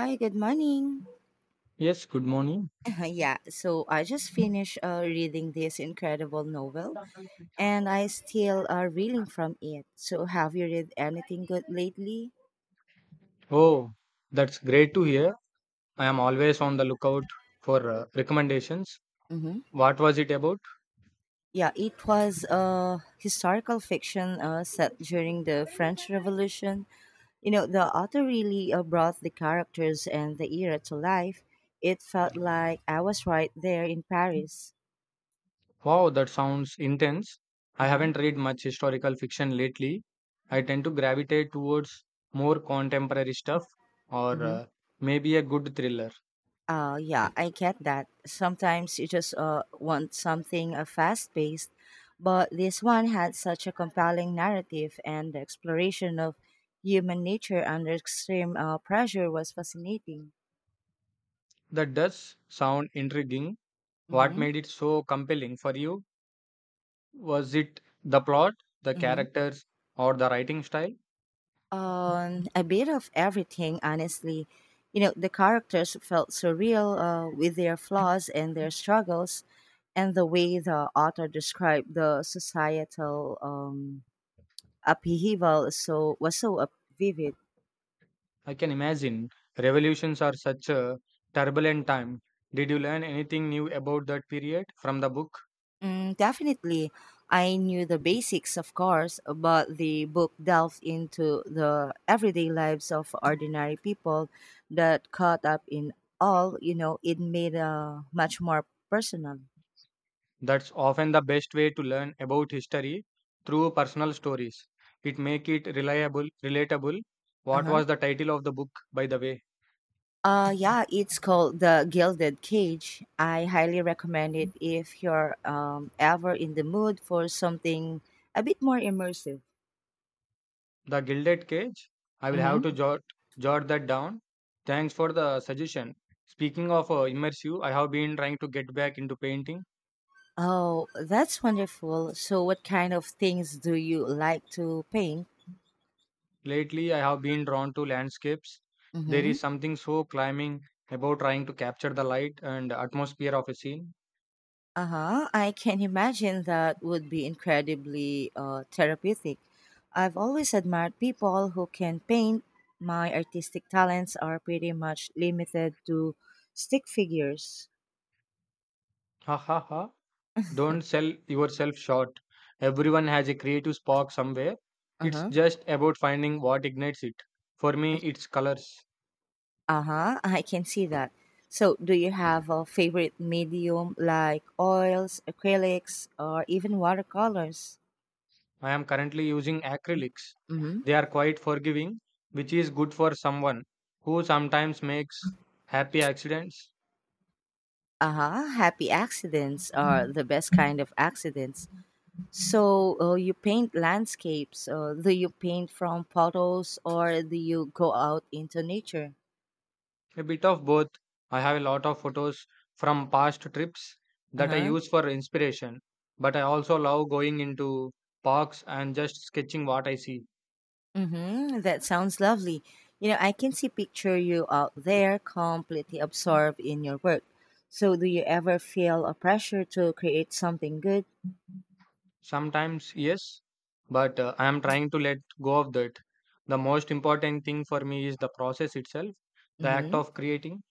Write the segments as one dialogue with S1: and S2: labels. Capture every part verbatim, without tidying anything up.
S1: Hi, good morning.
S2: Yes, good morning.
S1: Yeah, so I just finished uh, reading this incredible novel and I still are reeling from it. So, have you read anything good lately?
S2: Oh, that's great to hear. I am always on the lookout for uh, recommendations.
S1: Mm-hmm.
S2: What was it about?
S1: Yeah, it was uh, historical fiction uh, set during the French Revolution. You know, the author really uh, brought the characters and the era to life. It felt like I was right there in Paris.
S2: Wow, that sounds intense.
S1: Uh
S2: I
S1: huh.
S2: haven't read much historical fiction lately. I tend to gravitate towards more contemporary stuff or uh, maybe a good thriller.
S1: Uh, yeah, I get that. Sometimes you just uh, want something uh, fast paced, but this one had such a compelling narrative, and the exploration of human nature under extreme uh, pressure was fascinating.
S2: That does sound intriguing. What
S1: Mm-hmm.
S2: made it so compelling for you? Was it the plot, the
S1: Mm-hmm.
S2: characters, or the writing style?
S1: Um, a bit of everything, honestly. You know, the characters felt surreal uh, with their flaws and their struggles, and the way the author described the societal um, upheaval so was so up- vivid.
S2: I can imagine revolutions are such a turbulent time. Did you learn anything new about that period from the book?
S1: Mm, definitely, I knew the basics, of course, but the book delved into the everyday lives of ordinary people that caught up in all. You know, it made uh, much more personal.
S2: That's often the best way to learn about history through personal stories. It make it reliable, relatable. What
S1: Uh-huh.
S2: was the title of the book, by the way?
S1: Uh yeah, it's called The Gilded Cage. I highly recommend it if you're um, ever in the mood for something a bit more immersive.
S2: The Gilded Cage. I will have to jot jot that down. Thanks for the suggestion. Speaking of uh, immersive, I have been trying to get back into painting.
S1: Oh, that's wonderful. So, what kind of things do you like to paint?
S2: Lately, I have been drawn to landscapes. There
S1: Mm-hmm.
S2: is something so climbing about trying to capture the light and atmosphere of a scene.
S1: Uh huh. I can imagine that would be incredibly uh, therapeutic. I've always admired people who can paint. My artistic talents are pretty much limited to stick figures.
S2: Ha ha ha. Don't sell yourself short. Everyone has a creative spark somewhere.
S1: Uh
S2: It's
S1: huh.
S2: just about finding what ignites it. For me, it's colors.
S1: Uh huh. I can see that. So, do you have a favorite medium like oils, acrylics, or even watercolors?
S2: I am currently using acrylics. They are quite forgiving, which is good for someone who sometimes makes happy accidents.
S1: Uh-huh. Happy accidents are the best kind of accidents. So uh, you paint landscapes. Uh, do you paint from photos or do you go out into nature?
S2: A bit of both. I have a lot of photos from past trips that I
S1: Uh-huh.
S2: use for inspiration, but I also love going into parks and just sketching what I see.
S1: Mm-hmm. That sounds lovely. You know, I can see picture you out there completely absorbed in your work. So do you ever feel a pressure to create something good?
S2: Sometimes, yes, but uh, I am trying to let go of that. The most important thing for me is the process itself, the act
S1: Mm-hmm.
S2: of creating.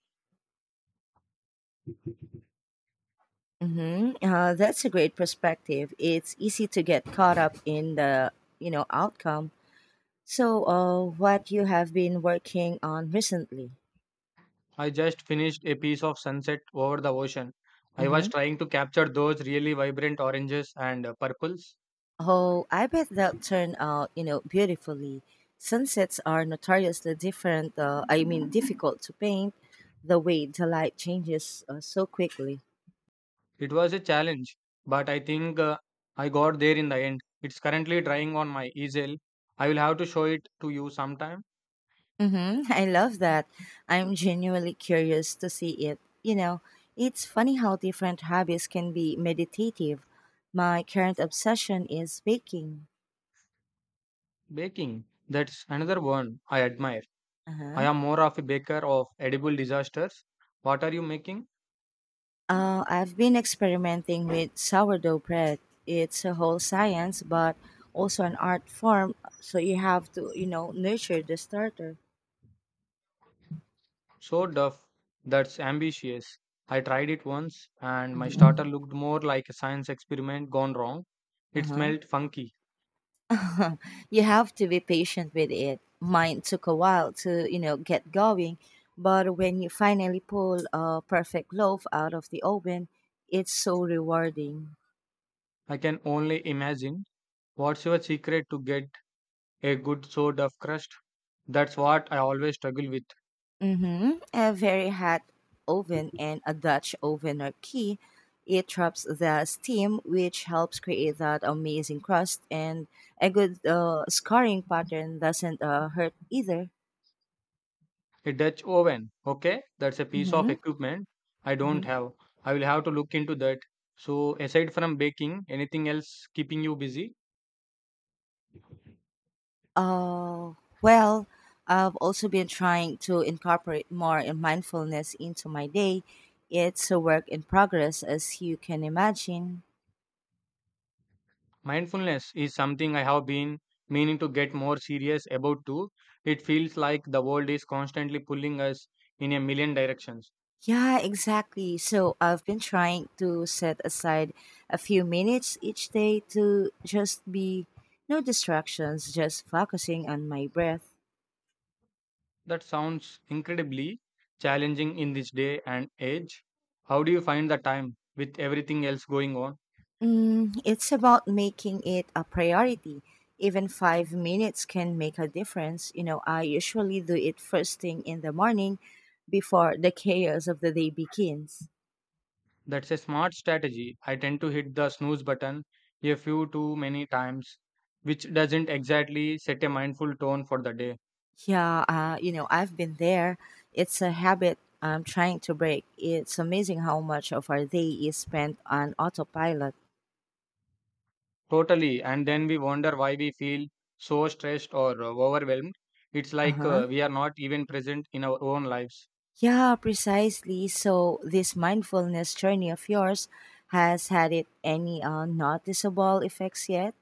S1: Mm-hmm. Uh, that's a great perspective. It's easy to get caught up in the, you know, outcome. So, uh, what you have been working on recently?
S2: I just finished a piece of sunset over the ocean. I was
S1: Mm-hmm.
S2: trying to capture those really vibrant oranges and uh, purples.
S1: Oh, I bet they'll turn out, you know, beautifully. Sunsets are notoriously different. Uh, I mean, difficult to paint the way the light changes uh, so quickly.
S2: It was a challenge, but I think uh, I got there in the end. It's currently drying on my easel. I will have to show it to you sometime.
S1: Mm-hmm. I love that. I'm genuinely curious to see it. You know, it's funny how different hobbies can be meditative. My current obsession is baking.
S2: Baking, that's another one I admire.
S1: Uh
S2: I
S1: huh.
S2: am more of a baker of edible disasters. What are you making?
S1: Uh, I've been experimenting with sourdough bread. It's a whole science, but also an art form. So you have to, you know, nurture the starter.
S2: So duff, that's ambitious. I tried it once and my starter
S1: Mhm.
S2: looked more like a science experiment gone wrong. It
S1: Uh
S2: smelled funky.
S1: huh. you have to be patient with it. Mine took a while to, you know, get going, but when you finally pull a perfect loaf out of the oven, it's so rewarding.
S2: I can only imagine. What's your secret to get a good sort of crust? That's what I always struggle with.
S1: Mm-hmm. A very hot oven and a Dutch oven are key. It traps the steam, which helps create that amazing crust, and a good uh, scarring pattern doesn't uh, hurt either.
S2: A Dutch oven, okay? That's a piece of
S1: Mm-hmm.
S2: equipment I don't
S1: Mm-hmm.
S2: have. I will have to look into that. So, aside from baking, anything else keeping you busy?
S1: Uh, well, I've also been trying to incorporate more in mindfulness into my day. It's a work in progress, as you can imagine.
S2: Mindfulness is something I have been meaning to get more serious about too. It feels like the world is constantly pulling us in a million directions.
S1: Yeah, exactly. So I've been trying to set aside a few minutes each day to just be no distractions, just focusing on my breath.
S2: That sounds incredibly challenging in this day and age. How do you find the time with everything else going on?
S1: Mm, it's about making it a priority. Even five minutes can make a difference. You know, I usually do it first thing in the morning before the chaos of the day begins.
S2: That's a smart strategy. I tend to hit the snooze button a few too many times, which doesn't exactly set a mindful tone for the day.
S1: Yeah, uh, you know, I've been there. It's a habit I'm trying to break. It's amazing how much of our day is spent on autopilot.
S2: Totally. And then we wonder why we feel so stressed or uh, overwhelmed. It's
S1: Uh
S2: like
S1: huh.
S2: uh, we are not even present in our own lives.
S1: Yeah, precisely. So, this mindfulness journey of yours has had it any uh, noticeable effects yet?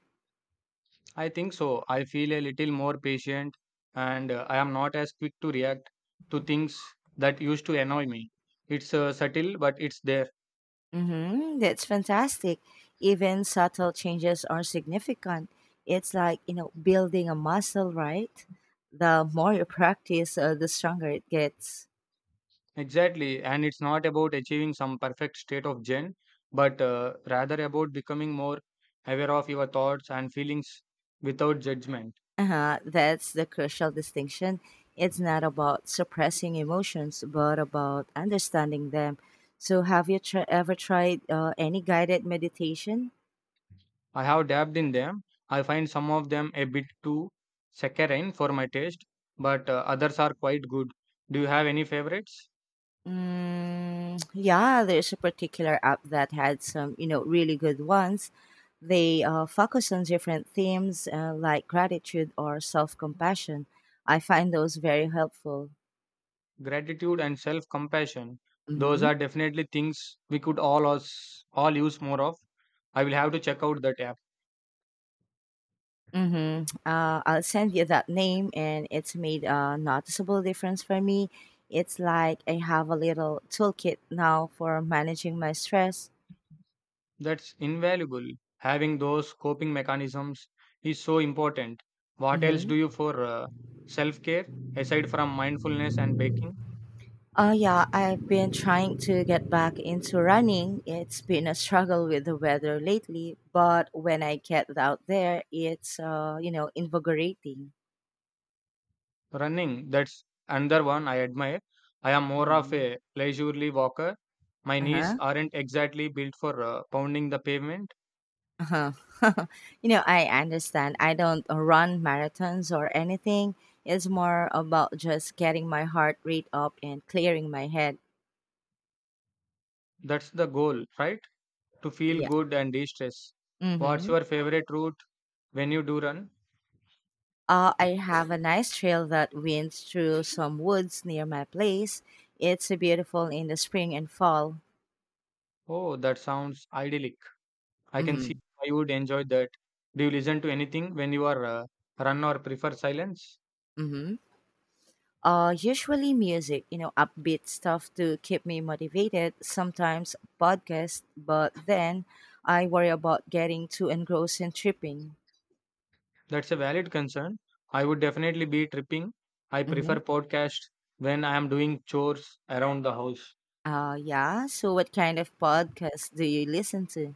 S2: I think so. I feel a little more patient and uh, I am not as quick to react to things that used to annoy me. It's uh, subtle, but it's there.
S1: Mm-hmm. That's fantastic. Even subtle changes are significant. It's like, you know, building a muscle, right? The more you practice, uh, the stronger it gets.
S2: Exactly, and it's not about achieving some perfect state of Zen, but uh, rather about becoming more aware of your thoughts and feelings without judgment.
S1: Uh-huh. That's the crucial distinction. It's not about suppressing emotions, but about understanding them. So, have you tr- ever tried uh, any guided meditation?
S2: I have dabbled in them. I find some of them a bit too saccharine for my taste, but uh, others are quite good. Do you have any favorites?
S1: Mm, yeah, there's a particular app that had some, you know, really good ones. They uh, focus on different themes uh, like gratitude or self compassion. I find those very helpful.
S2: Gratitude and self-compassion. Those are definitely things we could all us all use more of. I will have to check out that app.
S1: Mm-hmm. Uh, I'll send you that name, and it's made a noticeable difference for me. It's like I have a little toolkit now for managing my stress.
S2: That's invaluable. Having those coping mechanisms is so important. What else do you
S1: Mm-hmm.
S2: for uh, self care aside from mindfulness and baking?
S1: Oh, yeah, I've been trying to get back into running. It's been a struggle with the weather lately, but when I get out there, it's, uh, you know, invigorating.
S2: Running, that's another one I admire. I am more of
S1: Mhm.
S2: a leisurely walker. My knees
S1: Uh-huh.
S2: aren't exactly built for uh, pounding the pavement.
S1: Uh-huh. you know, I understand. I don't run marathons or anything. It's more about just getting my heart rate up and clearing my head.
S2: That's the goal, right? To feel
S1: Yeah.
S2: good and de stress. What's
S1: Mm-hmm.
S2: your favorite route when you do run?
S1: Uh, I have a nice trail that winds through some woods near my place. It's beautiful in the spring and fall.
S2: Oh, that sounds idyllic. I can see
S1: Mm-hmm.
S2: why you would enjoy that. Do you listen to anything when you are uh, run or prefer silence?
S1: Mm-hmm. Uh, usually music, you know, upbeat stuff to keep me motivated. Sometimes podcast, but then I worry about getting too engrossed in tripping.
S2: That's a valid concern. I would definitely be tripping. I prefer
S1: Mhm.
S2: podcast when I am doing chores around the house.
S1: Oh, yeah. So, what kind of podcast do you listen to?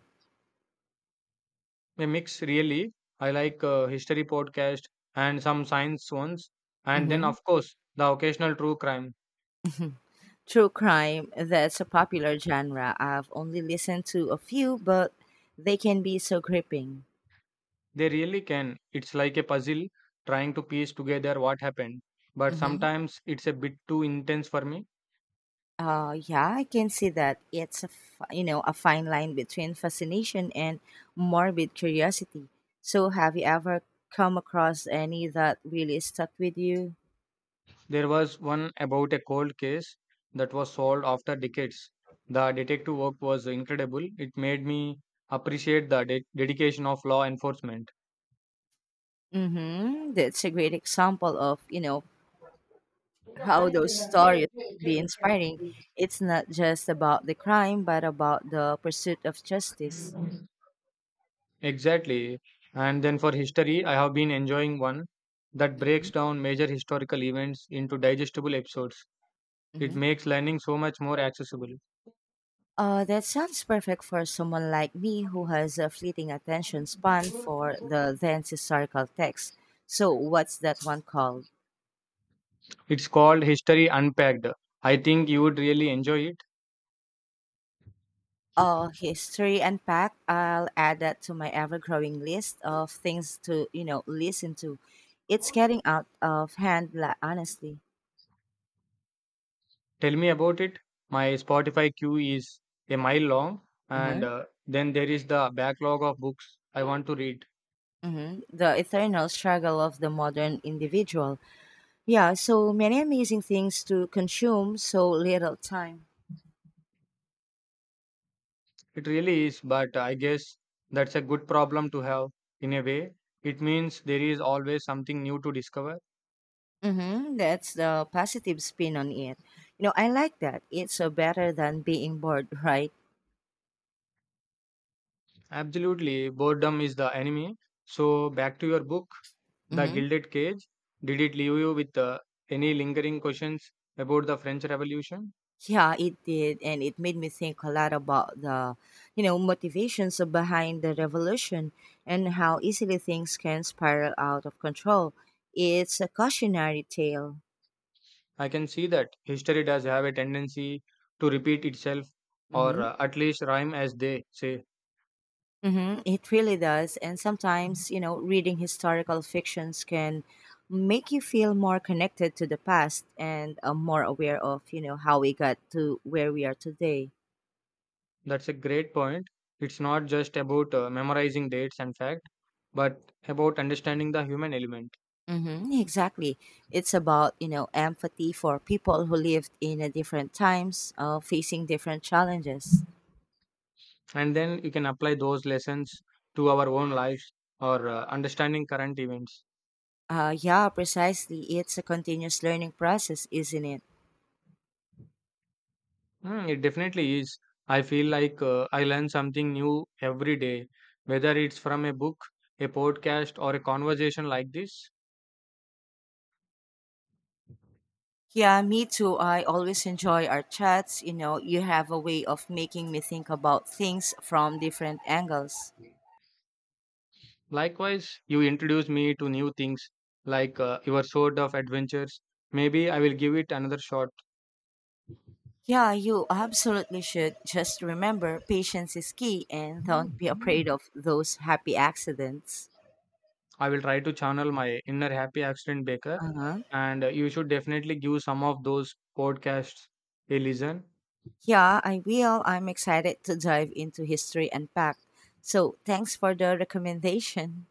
S2: A mix really. I like uh, history podcast and some science ones and then
S1: Mm-hmm.
S2: of course the occasional true crime.
S1: True crime, that's a popular genre. I've only listened to a few, but they can be so gripping.
S2: They really can. It's like a puzzle trying to piece together what happened. But
S1: Mm-hmm.
S2: sometimes it's a bit too intense for me.
S1: Uh, yeah, I can see that it's a fi- you know a fine line between fascination and morbid curiosity. So, have you ever come across any that really stuck with you?
S2: There was one about a cold case that was solved after decades. The detective work was incredible. It made me appreciate the de- dedication of law enforcement.
S1: Mm-hmm. That's a great example of you know how those stories can be inspiring. It's not just about the crime, but about the pursuit of justice.
S2: Exactly. And then for history, I have been enjoying one that breaks
S1: Hmm.
S2: down major historical events into digestible episodes. It
S1: Hmm.
S2: makes learning so much more accessible.
S1: Uh, that sounds perfect for someone like me who has a fleeting attention span for the dense historical text. So, what's that one called?
S2: It's called History Unpacked. I think you would really enjoy it.
S1: Uh, History Unpacked. I'll add that to my ever growing list of things to, you know, listen to. It's getting out of hand, la- honestly.
S2: Tell me about it. My Spotify queue is a mile long, and uh, then there is the backlog of books I want to read.
S1: Hmm. The eternal struggle of the modern individual. Yeah, so many amazing things to consume, so little time.
S2: It really is, but I guess that's a good problem to have in a way. It means there is always something new to discover.
S1: Mm-hmm. That's the positive spin on it. You know, I like that. It's uh, better than being bored, right?
S2: Absolutely, boredom is the enemy. So, back to your book, The
S1: Mm-hmm.
S2: Gilded Cage. Did it leave you with uh, any lingering questions about the French Revolution?
S1: Yeah, it did, and it made me think a lot about the, you know, motivations behind the revolution and how easily things can spiral out of control. It's a cautionary tale.
S2: I can see that history does have a tendency to repeat itself or
S1: Mm-hmm.
S2: uh, at least rhyme as they say.
S1: Mm-hmm, it really does. And sometimes, you know, reading historical fictions can make you feel more connected to the past and uh, more aware of, you know, how we got to where we are today.
S2: That's a great point. It's not just about uh, memorizing dates and fact, but about understanding the human element.
S1: Mm-hmm, exactly. It's about, you know, empathy for people who lived in a different times, uh, facing different challenges.
S2: And then you can apply those lessons to our own lives or uh, understanding current events.
S1: Uh, yeah, precisely. It's a continuous learning process, isn't it?
S2: Hmm, it definitely is. I feel like uh, I learn something new every day, whether it's from a book, a podcast, or a conversation like this.
S1: Yeah, me too. I always enjoy our chats. You know, you have a way of making me think about things from different angles.
S2: Likewise, you introduce me to new things like uh, your sword of adventures. Maybe I will give it another shot.
S1: Yeah, you absolutely should. Just remember, patience is key and don't be afraid of those happy accidents.
S2: I will try to channel my inner happy accident baker,
S1: Uh-huh.
S2: and uh, you should definitely give some of those podcasts a listen
S1: Yeah, I will. I'm excited to dive into History Unpacked. So thanks for the recommendation.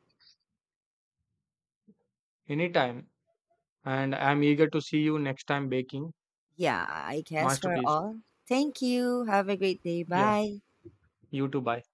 S2: anytime. And I'm eager to see you next time baking
S1: Yeah, I guess we're
S2: masterpiece.
S1: all. Thank you. Have a great day.
S2: Yeah,
S1: Bye.
S2: you too. Bye.